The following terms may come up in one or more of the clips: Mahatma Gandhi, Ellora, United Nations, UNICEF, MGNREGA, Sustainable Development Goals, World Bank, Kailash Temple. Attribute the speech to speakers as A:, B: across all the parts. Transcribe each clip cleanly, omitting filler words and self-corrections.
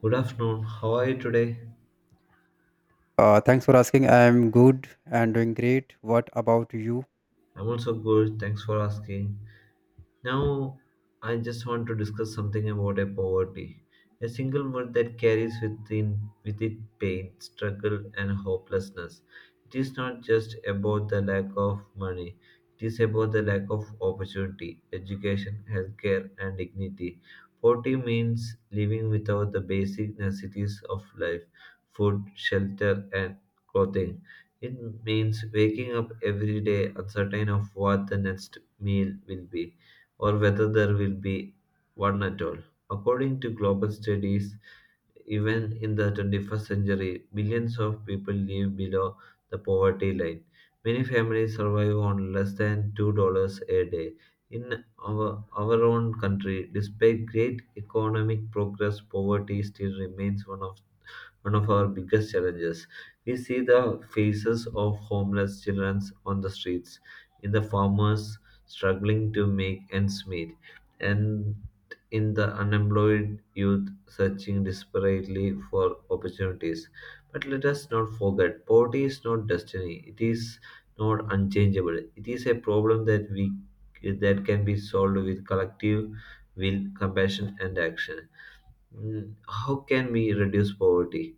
A: Good afternoon. How are you today?
B: Thanks for asking. I'm good and doing great. What about you?
A: I'm also good. Thanks for asking. Now, I just want to discuss something about a poverty, a single word that carries within with it pain, struggle, and hopelessness. It is not just about the lack of money; it is about the lack of opportunity, education, healthcare, and dignity. Poverty means living without the basic necessities of life: food, shelter, and clothing. It means waking up every day uncertain of what the next meal will be or whether there will be one at all. According to global studies, even in the 21st century, billions of people live below the poverty line. Many families survive on less than $2 a day. In our own country, despite great economic progress, poverty still remains one of our biggest challenges. We see the faces of homeless children on the streets, in the farmers struggling to make ends meet, and in the unemployed youth searching desperately for opportunities. But let us not forget poverty is not destiny, it is not unchangeable. It is a problem that we that can be solved with collective will, compassion, and action. How can we reduce poverty?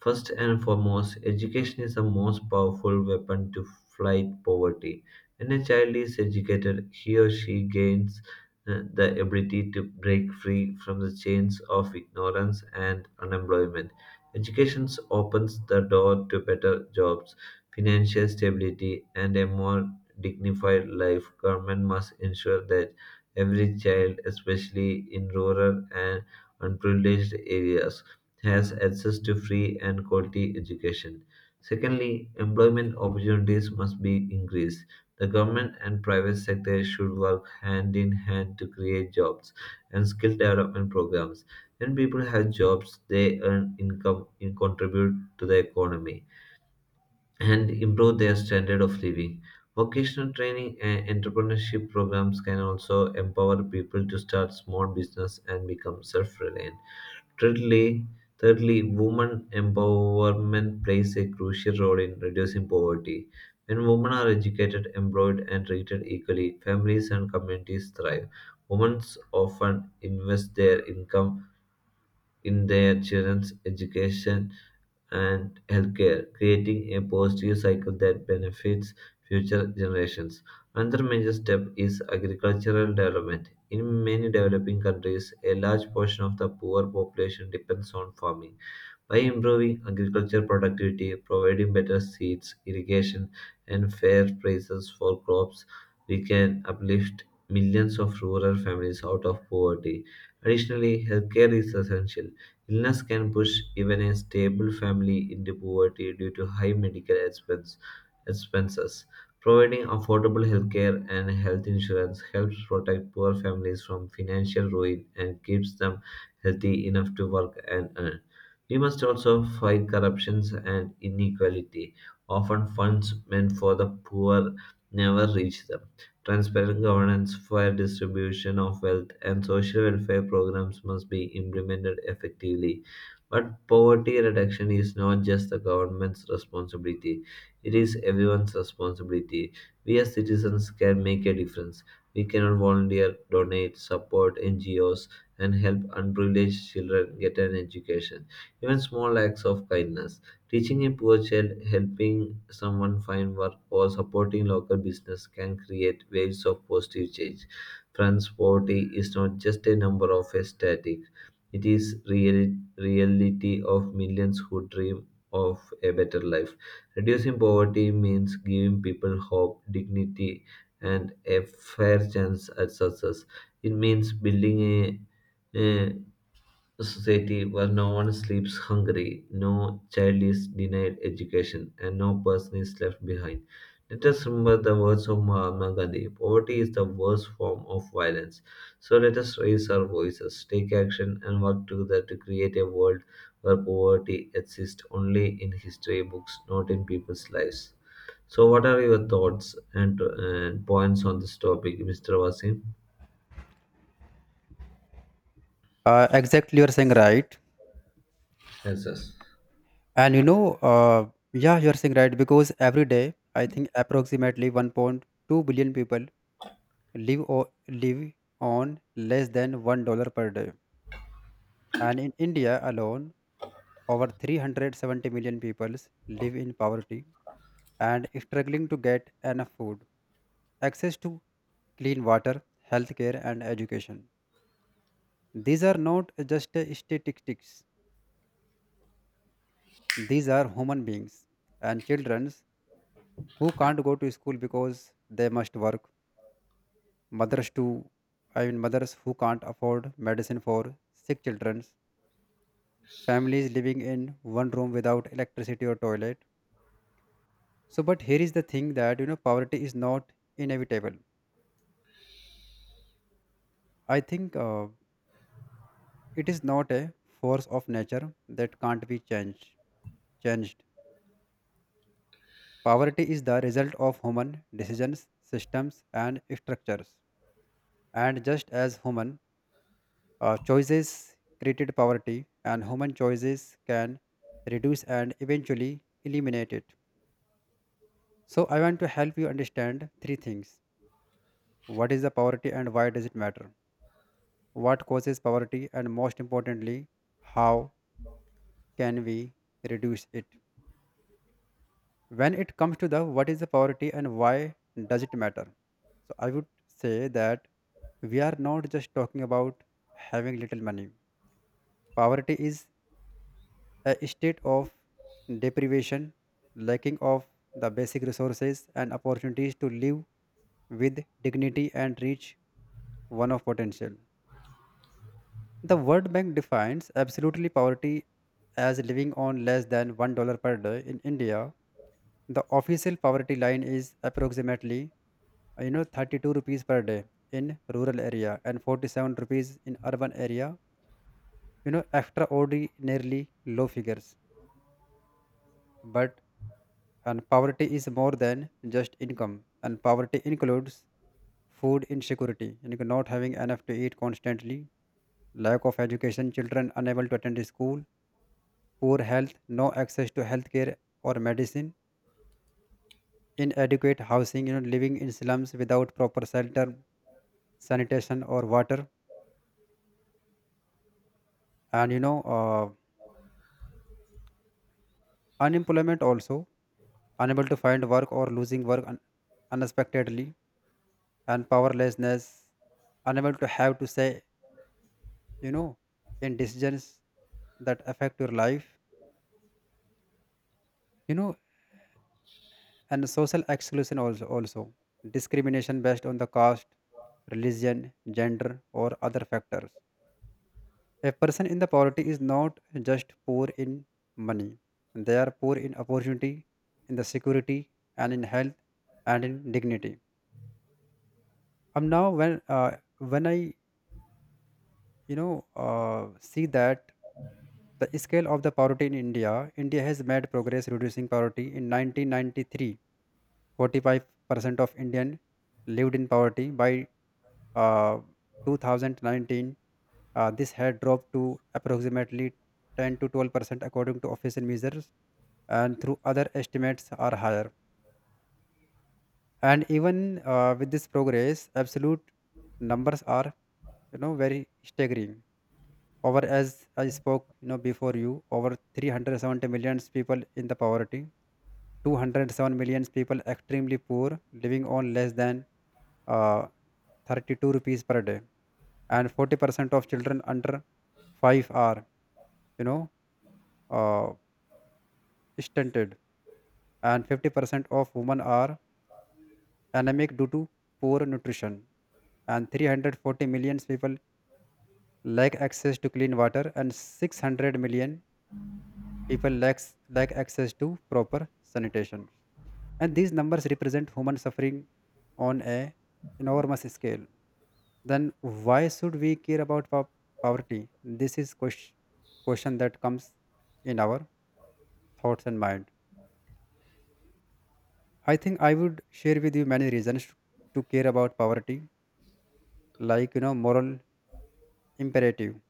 A: First and foremost, education is the most powerful weapon to fight poverty. When a child is educated, he or she gains the ability to break free from the chains of ignorance and unemployment. Education opens the door to better jobs, financial stability, and a more dignified life. Government must ensure that every child, especially in rural and unprivileged areas, has access to free and quality education. Secondly, employment opportunities must be increased. The government and private sector should work hand in hand to create jobs and skill development programs. When people have jobs, they earn income and contribute to the economy and improve their standard of living. Vocational training and entrepreneurship programs can also empower people to start small business and become self-reliant. Thirdly, thirdly, women empowerment plays a crucial role in reducing poverty. When women are educated, employed, and treated equally, families and communities thrive. Women often invest their income in their children's education and healthcare, creating a positive cycle that benefits future generations. Another major step is agricultural development. In many developing countries, a large portion of the poor population depends on farming. By improving agricultural productivity, providing better seeds, irrigation, and fair prices for crops, we can uplift millions of rural families out of poverty. Additionally, healthcare is essential. Illness can push even a stable family into poverty due to high expenses. Providing affordable healthcare and health insurance helps protect poor families from financial ruin and keeps them healthy enough to work and earn. We must also fight corruptions and inequality. Often funds meant for the poor never reach them. Transparent governance, fair distribution of wealth, and social welfare programs must be implemented effectively. But poverty reduction is not just the government's responsibility, it is everyone's responsibility. We as citizens can make a difference. We cannot volunteer, donate, support NGOs, and help unprivileged children get an education. Even small acts of kindness: teaching a poor child, helping someone find work, or supporting local business can create waves of positive change. Friends, poverty is not just a number of a static; it is reality of millions who dream of a better life. Reducing poverty means giving people hope, dignity, and a fair chance at success. It means building a, a a society where no one sleeps hungry, no child is denied education, and no person is left behind. Let us remember the words of Mahatma Gandhi: poverty is the worst form of violence. So let us raise our voices, take action, and work together to create a world where poverty exists only in history books, not in people's lives. So, what are your thoughts and points on this topic, Mr. Wasim?
B: Exactly, you're saying right.
A: Yes, yes.
B: And you know, you're saying right because every day, I think approximately 1.2 billion people live on less than $1 per day. And in India alone, over 370 million people live in poverty and struggling to get enough food, access to clean water, healthcare, and education. These are not just statistics, these are human beings and children who can't go to school because they must work. Mothers too, I mean mothers who can't afford medicine for sick children, families living in one room without electricity or toilet. So, but here is the thing that you know poverty is not inevitable. I think it is not a force of nature that can't be changed. Changed Poverty is the result of human decisions, systems, and structures. And just as human choices created poverty, and human choices can reduce and eventually eliminate it. So, I want to help you understand three things: what is the poverty and why does it matter? What causes poverty, and most importantly, how can we reduce it? When it comes to the what is the poverty and why does it matter, so I would say that we are not just talking about having little money. Poverty is a state of deprivation, lacking of the basic resources and opportunities to live with dignity and reach one of potential. The World Bank defines absolutely poverty as living on less than $1 per day. In India, the official poverty line is approximately, you know, 32 rupees per day in rural area and 47 rupees in urban area, you know, extraordinarily low figures. But and poverty is more than just income, and poverty includes food insecurity, you know, not having enough to eat constantly, lack of education, children unable to attend school, poor health, no access to healthcare or medicine, inadequate housing, you know, living in slums without proper shelter, sanitation, or water, and unemployment also, unable to find work or losing work unexpectedly, and powerlessness, unable to have to say, you know, in decisions that affect your life, you know, and social exclusion also, discrimination based on the caste, religion, gender, or other factors. A person in the poverty is not just poor in money; they are poor in opportunity, in the security, and in health, and in dignity. Now when I, you know, see that the scale of the poverty in India, India has made progress reducing poverty. In 1993, 45% of Indian lived in poverty. By uh, 2019, this had dropped to approximately 10 to 12% according to official measures, and through other estimates are higher. And even with this progress, absolute numbers are, you know, very staggering. Over, as I spoke, you know, before, you, over 370 million people in the poverty, 207 million people extremely poor living on less than uh, 32 rupees per day, and 40% of children under 5 are, you know uh, stunted, and 50% of women are anemic due to poor nutrition, and 340 million people lack access to clean water, and 600 million people lack access to proper sanitation. And these numbers represent human suffering on a enormous scale. Then why should we care about poverty? This is question that comes in our thoughts and mind. I think I would share with you many reasons to care about poverty, like, you know, moral imperative.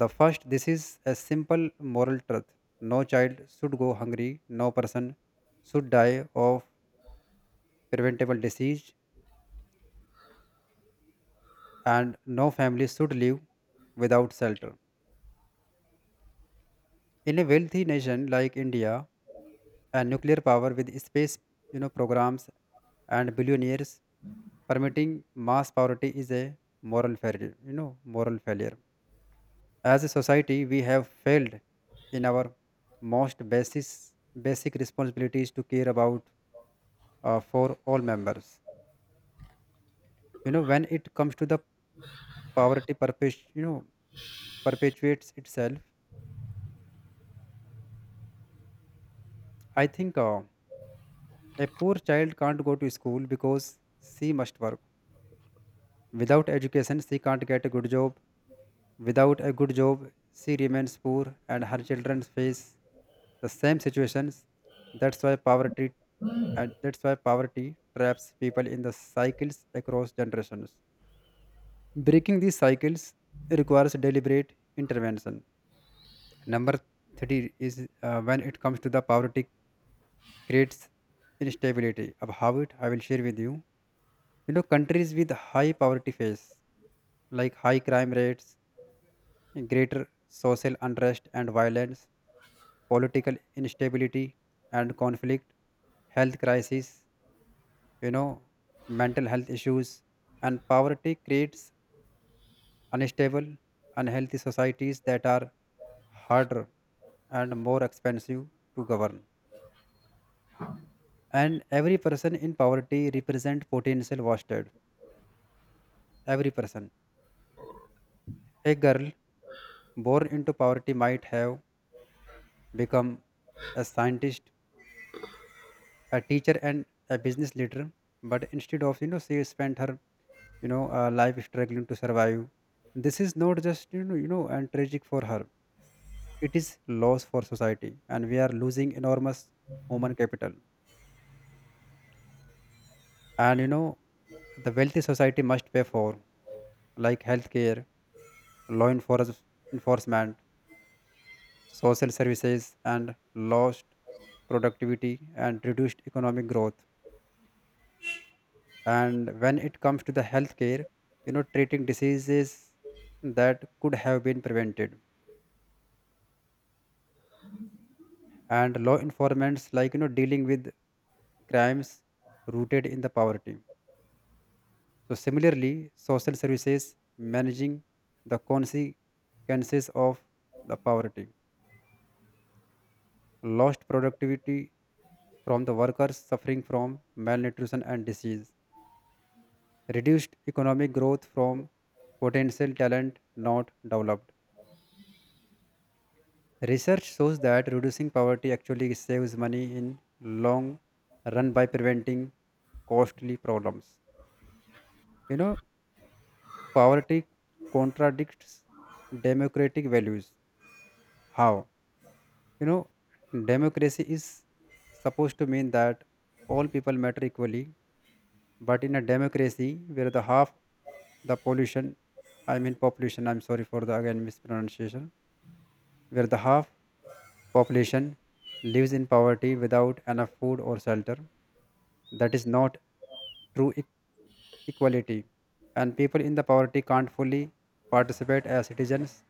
B: The first, this is a simple moral truth: no child should go hungry, no person should die of preventable disease, and no family should live without shelter. In a wealthy nation like India, and nuclear power with space, you know, programs and billionaires, permitting mass poverty is a moral failure, you know, moral failure. As a society, we have failed in our most basic responsibilities to care about, for all members. You know, when it comes to the poverty perpetuates itself, I think a poor child can't go to school because she must work. Without education, she can't get a good job. Without a good job, she remains poor and her children face the same situations. That's why poverty that's why poverty traps people in the cycles across generations. Breaking these cycles requires deliberate intervention. Number three is, when it comes to the poverty creates instability. About it, I will share with you. You know, countries with high poverty face like high crime rates, greater social unrest and violence, political instability and conflict, health crisis, you know, mental health issues, and poverty creates unstable, unhealthy societies that are harder and more expensive to govern. And every person in poverty represent potential wasted. Every person, a girl born into poverty might have become a scientist, a teacher, and a business leader. But instead of, you know, she spent her, you know, life struggling to survive. This is not just, you know, and tragic for her. It is loss for society, and we are losing enormous human capital. And, you know, the wealthy society must pay for like healthcare, law enforcement, social services, and lost productivity and reduced economic growth. And when it comes to the healthcare, you know, treating diseases that could have been prevented, and law enforcements, like, you know, dealing with crimes rooted in the poverty, so similarly social services managing the consequences of the poverty, lost productivity from the workers suffering from malnutrition and disease, reduced economic growth from potential talent not developed. Research shows that reducing poverty actually saves money in long run by preventing costly problems. You know, poverty contradicts democratic values. How? You know, democracy is supposed to mean that all people matter equally, but in a democracy where the half the pollution, I mean population, I'm sorry for the again mispronunciation, where the half population lives in poverty without enough food or shelter, that is not true equality, and people in the poverty can't fully participate as citizens.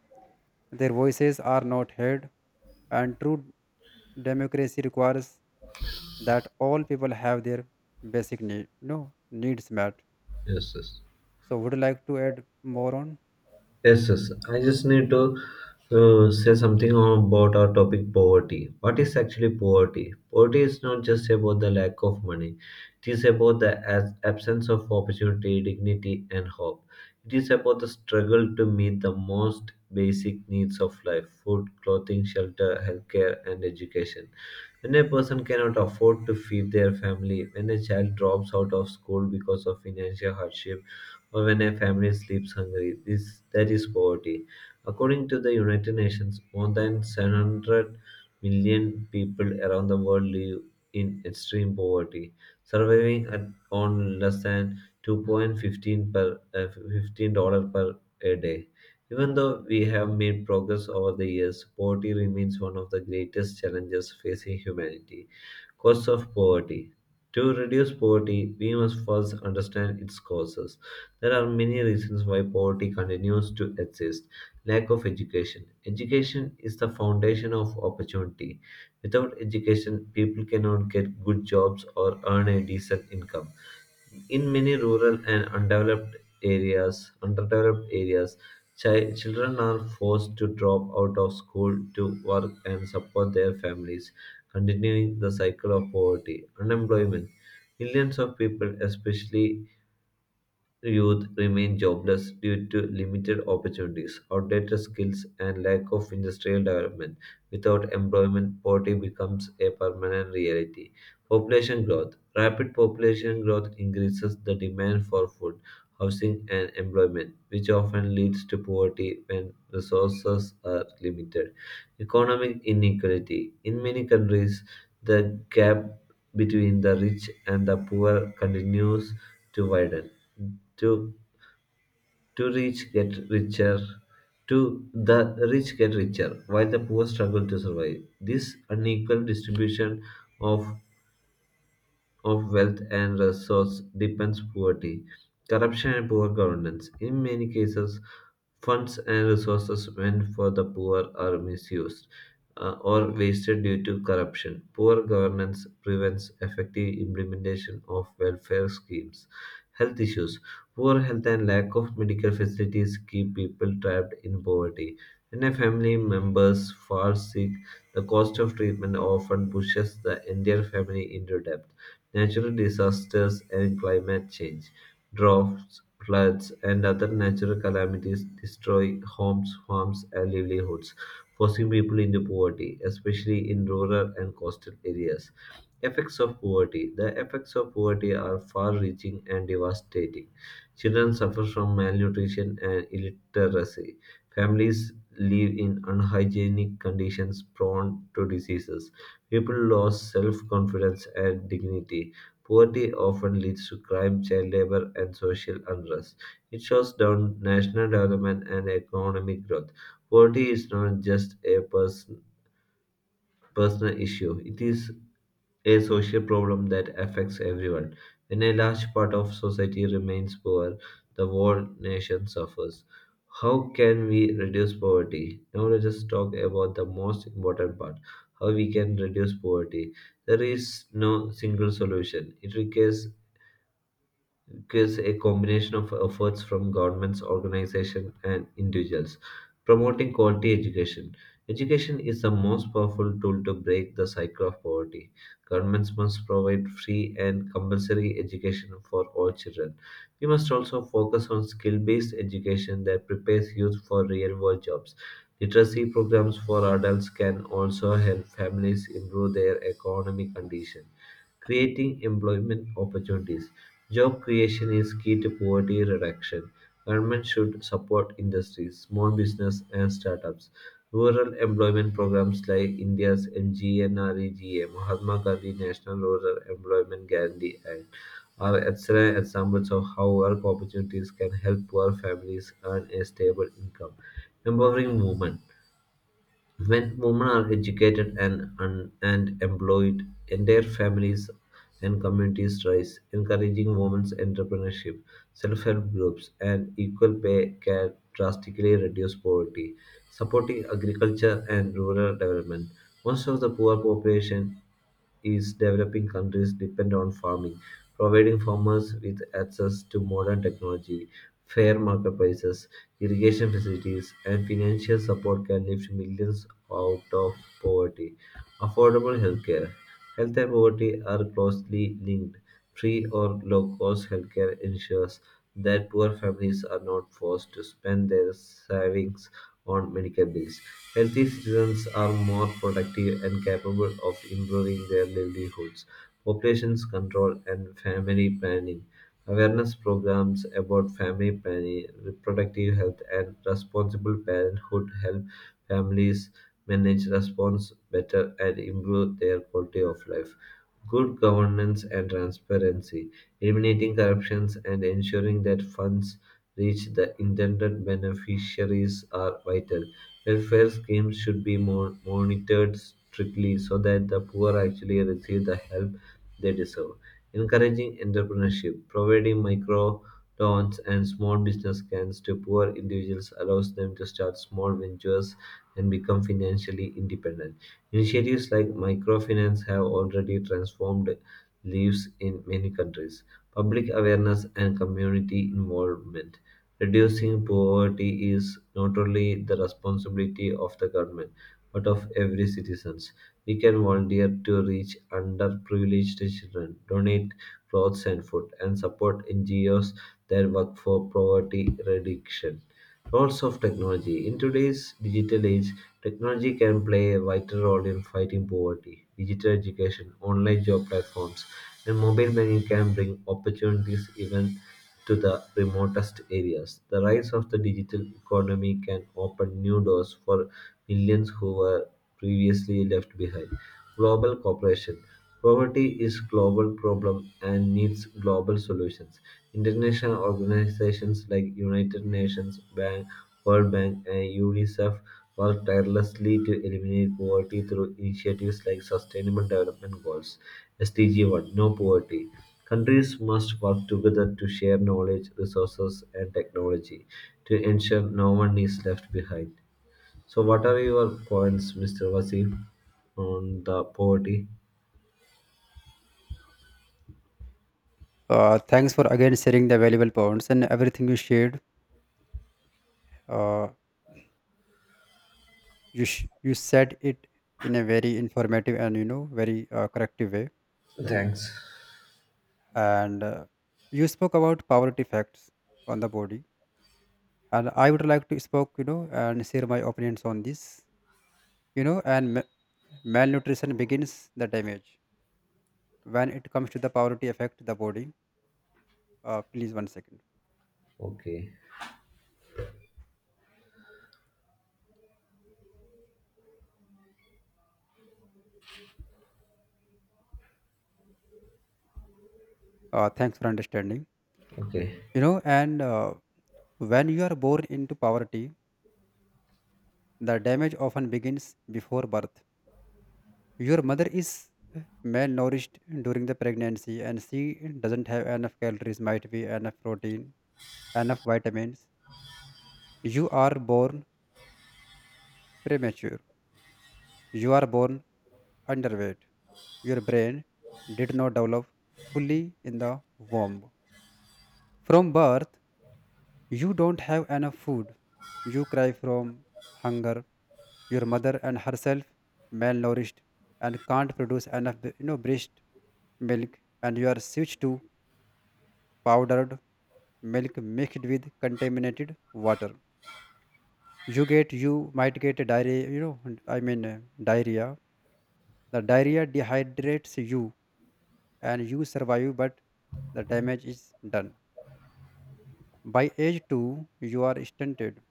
B: Their voices are not heard, and true democracy requires that all people have their basic need, no needs met.
A: Yes, yes.
B: So, would you like to add more on?
A: Yes, yes. I just need to say something about our topic poverty. What is actually poverty? Poverty is not just about the lack of money, it is about the absence of opportunity, dignity, and hope. It is about the struggle to meet the most basic needs of life: food, clothing, shelter, healthcare, and education. When a person cannot afford to feed their family, when a child drops out of school because of financial hardship, or when a family sleeps hungry, this that is poverty. According to the United Nations, more than 700 million people around the world live in extreme poverty, surviving at on less than 2.15 per $15 per a day. Even though we have made progress over the years, poverty remains one of the greatest challenges facing humanity. Cause of poverty. To reduce poverty, we must first understand its causes. There are many reasons why poverty continues to exist. Lack of education. Education is the foundation of opportunity. Without education, people cannot get good jobs or earn a decent income in many rural and undeveloped areas, underdeveloped areas, children are forced to drop out of school to work and support their families, continuing the cycle of poverty, unemployment. Millions of people, especially youth, remain jobless due to limited opportunities, outdated skills, and lack of industrial development. Without employment, poverty becomes a permanent reality. Population growth. Rapid population growth increases the demand for food, housing, and employment, which often leads to poverty when resources are limited. Economic inequality. In many countries, the gap between the rich and the poor continues to widen. To, to rich get richer, to the rich get richer, while the poor struggle to survive. This unequal distribution of of wealth and resource depends poverty, corruption, and poor governance. In many cases, funds and resources meant for the poor are misused or wasted due to corruption. Poor governance prevents effective implementation of welfare schemes. Health issues. Poor health and lack of medical facilities keep people trapped in poverty. When a family member falls sick, the cost of treatment often pushes the entire family into debt. Natural disasters and climate change, droughts, floods, and other natural calamities destroy homes, farms, and livelihoods, forcing people into poverty, especially in rural and coastal areas. Effects of poverty. The effects of poverty are far reaching and devastating. Children suffer from malnutrition and illiteracy. Families live in unhygienic conditions prone to diseases. People lose self confidence and dignity. Poverty often leads to crime, child labor, and social unrest. It shows down national development and economic growth. Poverty is not just a personal issue. It is a social problem that affects everyone. When a large part of society remains poor, the whole nation suffers. How can we reduce poverty? Now let us talk about the most important part: how we can reduce poverty. There is no single solution. It requires a combination of efforts from governments, organizations, and individuals. Promoting quality education. Education is the most powerful tool to break the cycle of poverty. Governments must provide free and compulsory education for all children. We must also focus on skill based education that prepares youth for real world jobs. Literacy programs for adults can also help families improve their economic condition. Creating employment opportunities. Job creation is key to poverty reduction. Government should support industries, small business, and startups. Rural employment programs like India's MGNREGA, Mahatma Gandhi National Rural Employment Guarantee Act, are excellent examples of how work opportunities can help poor families earn a stable income. Empowering women. When women are educated and employed, entire families and communities rise, encouraging women's entrepreneurship, self help groups, and equal pay can drastically reduce poverty, supporting agriculture and rural development. Most of the poor population East developing countries depend on farming, providing farmers with access to modern technology, fair market prices, irrigation facilities, and financial support can lift millions out of poverty. Affordable healthcare. Health and poverty are closely linked. Free or low cost healthcare ensures that poor families are not forced to spend their savings on medical bills. Healthy citizens are more productive and capable of improving their livelihoods. Populations control and family planning. Awareness programs about family planning, reproductive health, and responsible parenthood help families manage response better and improve their quality of life. Good governance and transparency, eliminating corruptions and ensuring that funds reach the intended beneficiaries are vital. Welfare schemes should be monitored strictly so that the poor actually receive the help they deserve, encouraging entrepreneurship, providing microloans and small business grants to poor individuals allows them to start small ventures and become financially independent. Initiatives like microfinance have already transformed lives in many countries. Public awareness and community involvement. Reducing poverty is not only the responsibility of the government, but of every citizen. We can volunteer to reach underprivileged children, donate clothes and food, and support NGOs that work for poverty reduction. Roles of technology. In today's digital age, technology can play a vital role in fighting poverty. Digital education, online job platforms, and mobile banking can bring opportunities even to the remotest areas. The rise of the digital economy can open new doors for millions who were previously left behind. Global cooperation. Poverty is global problem and needs global solutions. International organizations like United Nations, Bank, World Bank, and UNICEF work tirelessly to eliminate poverty through initiatives like Sustainable Development Goals (SDG 1), No Poverty. Countries must work together to share knowledge, resources, and technology to ensure no one is left behind. So, what are your points, Mr. Wasim, on the poverty?
B: Thanks for again sharing the valuable points and everything you shared. Uh, you said it in a very informative and, you know, very corrective way.
A: Thanks.
B: And you spoke about poverty facts on the body, and I would like to spoke, you know, and share my opinions on this, you know. And malnutrition begins the damage when it comes to the poverty affect the body. Please one second.
A: Okay,
B: Thanks for understanding.
A: okay.
B: You know, and when you are born into poverty, the damage often begins before birth. Your mother is, malnourished during the pregnancy, and she doesn't have enough calories, might be enough protein, enough vitamins. You are born premature. You are born underweight. Your brain did not develop fully in the womb. From birth, you don't have enough food. You cry from hunger. Your mother and herself malnourished and can't produce enough, you know, breast milk, and you are switched to powdered milk mixed with contaminated water. You get, you might get a diarrhea, you know, I mean diarrhea, the diarrhea dehydrates you, and you survive, but the damage is done. By age 2, you are stunted,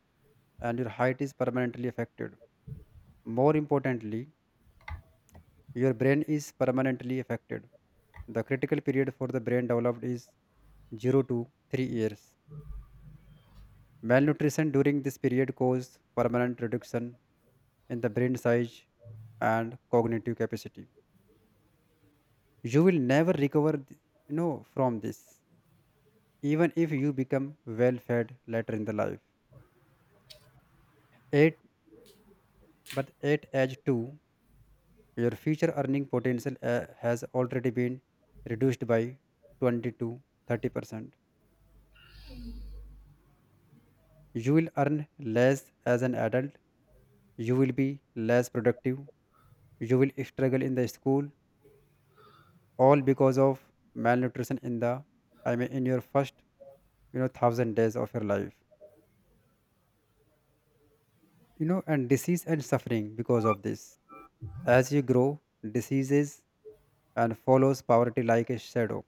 B: and your height is permanently affected. More importantly, your brain is permanently affected. The critical period for the brain developed is 0 to 3 years. Malnutrition during this period causes permanent reduction in the brain size and cognitive capacity. You will never recover, you know, from this, even if you become well-fed later in the life. Eight, but at age two, your future earning potential has already been reduced by 20 to 30%. You will earn less as an adult. You will be less productive. You will struggle in the school, all because of malnutrition in the, I mean, in your first, you know, thousand days of your life. You know, and disease and suffering because of this, as you grow, diseases and follows poverty like a shadow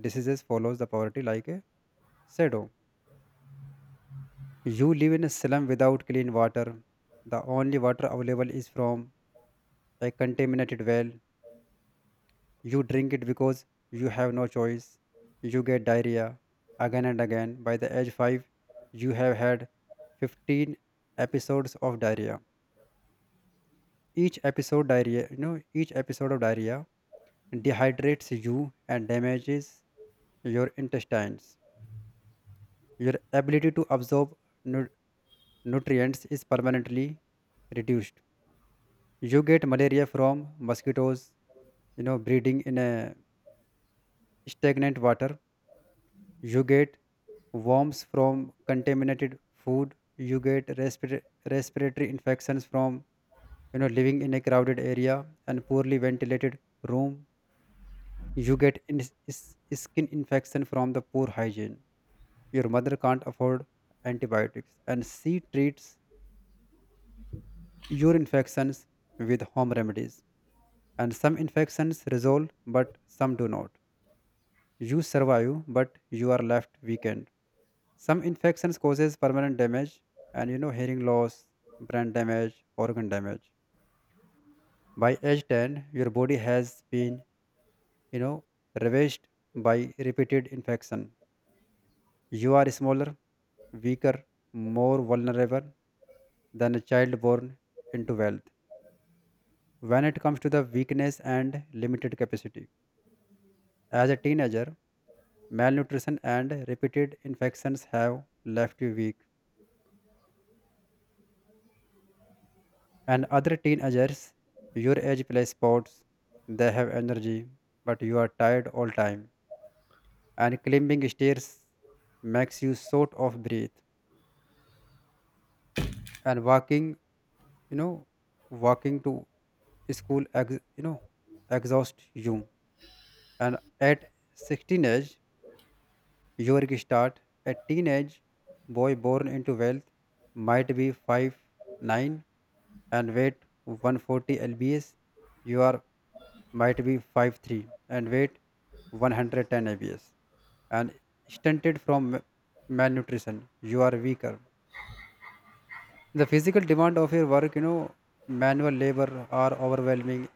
B: diseases follows the poverty like a shadow. You live in a slum without clean water. The only water available is from a contaminated well. You drink it because you have no choice. You get diarrhea again and again. By the age 5, you have had 15 episodes of diarrhea. Each episode diarrhea you know each episode of diarrhea dehydrates you and damages your intestines. Your ability to absorb nu- nutrients is permanently reduced. You get malaria from mosquitoes, you know, breeding in a stagnant water. You get worms from contaminated food. You get respiratory infections from, you know, living in a crowded area and poorly ventilated room. You get skin infection from the poor hygiene. Your mother can't afford antibiotics, and she treats your infections with home remedies. And some infections resolve, but some do not. You survive, but you are left weakened. Some infections causes permanent damage, and, you know, hearing loss, brain damage, organ damage. By age 10, your body has been, you know, ravaged by repeated infection. You are smaller, weaker, more vulnerable than a child born into wealth. When it comes to the weakness and limited capacity. As a teenager, malnutrition and repeated infections have left you weak. And other teenagers, your age play sports, they have energy, but you are tired all time. And climbing stairs makes you sort of breathe. And walking, you know, walking to school, exhausts you. And at 16 age, your start a teenage boy born into wealth might be 5'9" and weight 140 lbs. You are might be 5'3" and weight 110 lbs. And stunted from malnutrition, you are weaker. The physical demand of your work, you know, manual labor are overwhelming.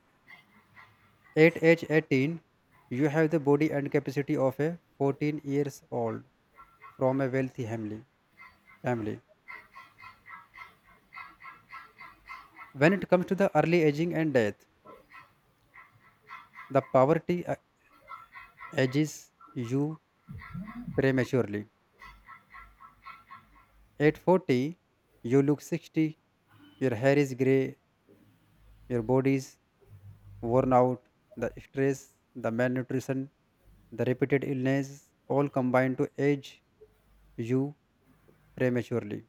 B: At age 18, you have the body and capacity of a 14 years old from a wealthy family. family. When it comes to the early aging and death, the poverty ages you prematurely. At 40, you look 60, your hair is gray, your body is worn out, the stress, the malnutrition, the repeated illness all combine to age you prematurely.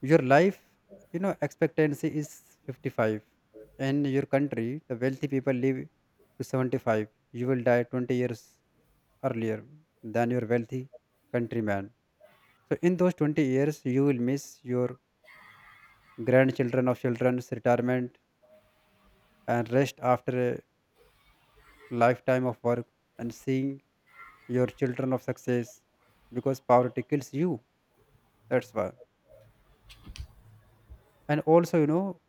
B: Your life, you know, expectancy is 55. In your country, the wealthy people live to 75. You will die 20 years earlier than your wealthy countryman. So in those 20 years, you will miss your grandchildren of children's retirement and rest after a lifetime of work and seeing your children of success because poverty kills you. That's why. And also, you know,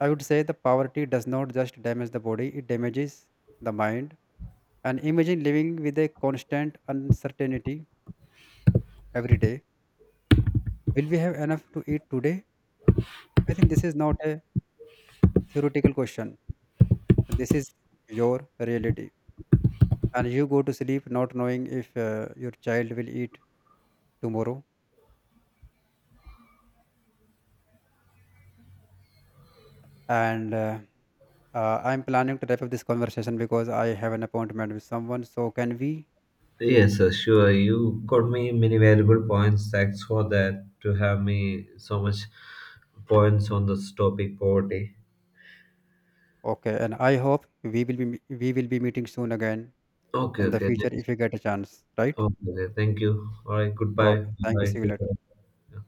B: I would say the poverty does not just damage the body, it damages the mind. And imagine living with a constant uncertainty every day. Will we have enough to eat today? I think this is not a theoretical question. This is your reality. And you go to sleep not knowing if, your child will eat tomorrow. And I'm planning to wrap up this conversation because I have an appointment with someone. So can we?
A: Yes, sir, sure. You got me many valuable points. Thanks for that to have me so much points on this topic poverty.
B: Okay. And I hope we will be meeting soon again
A: Okay,
B: in the
A: okay.
B: future
A: Thanks.
B: if you get a chance. Right?
A: Okay, okay, thank you. All right, goodbye.
B: Okay. Thank you.
A: Bye.
B: See you
A: Take
B: later.
A: care. Yeah.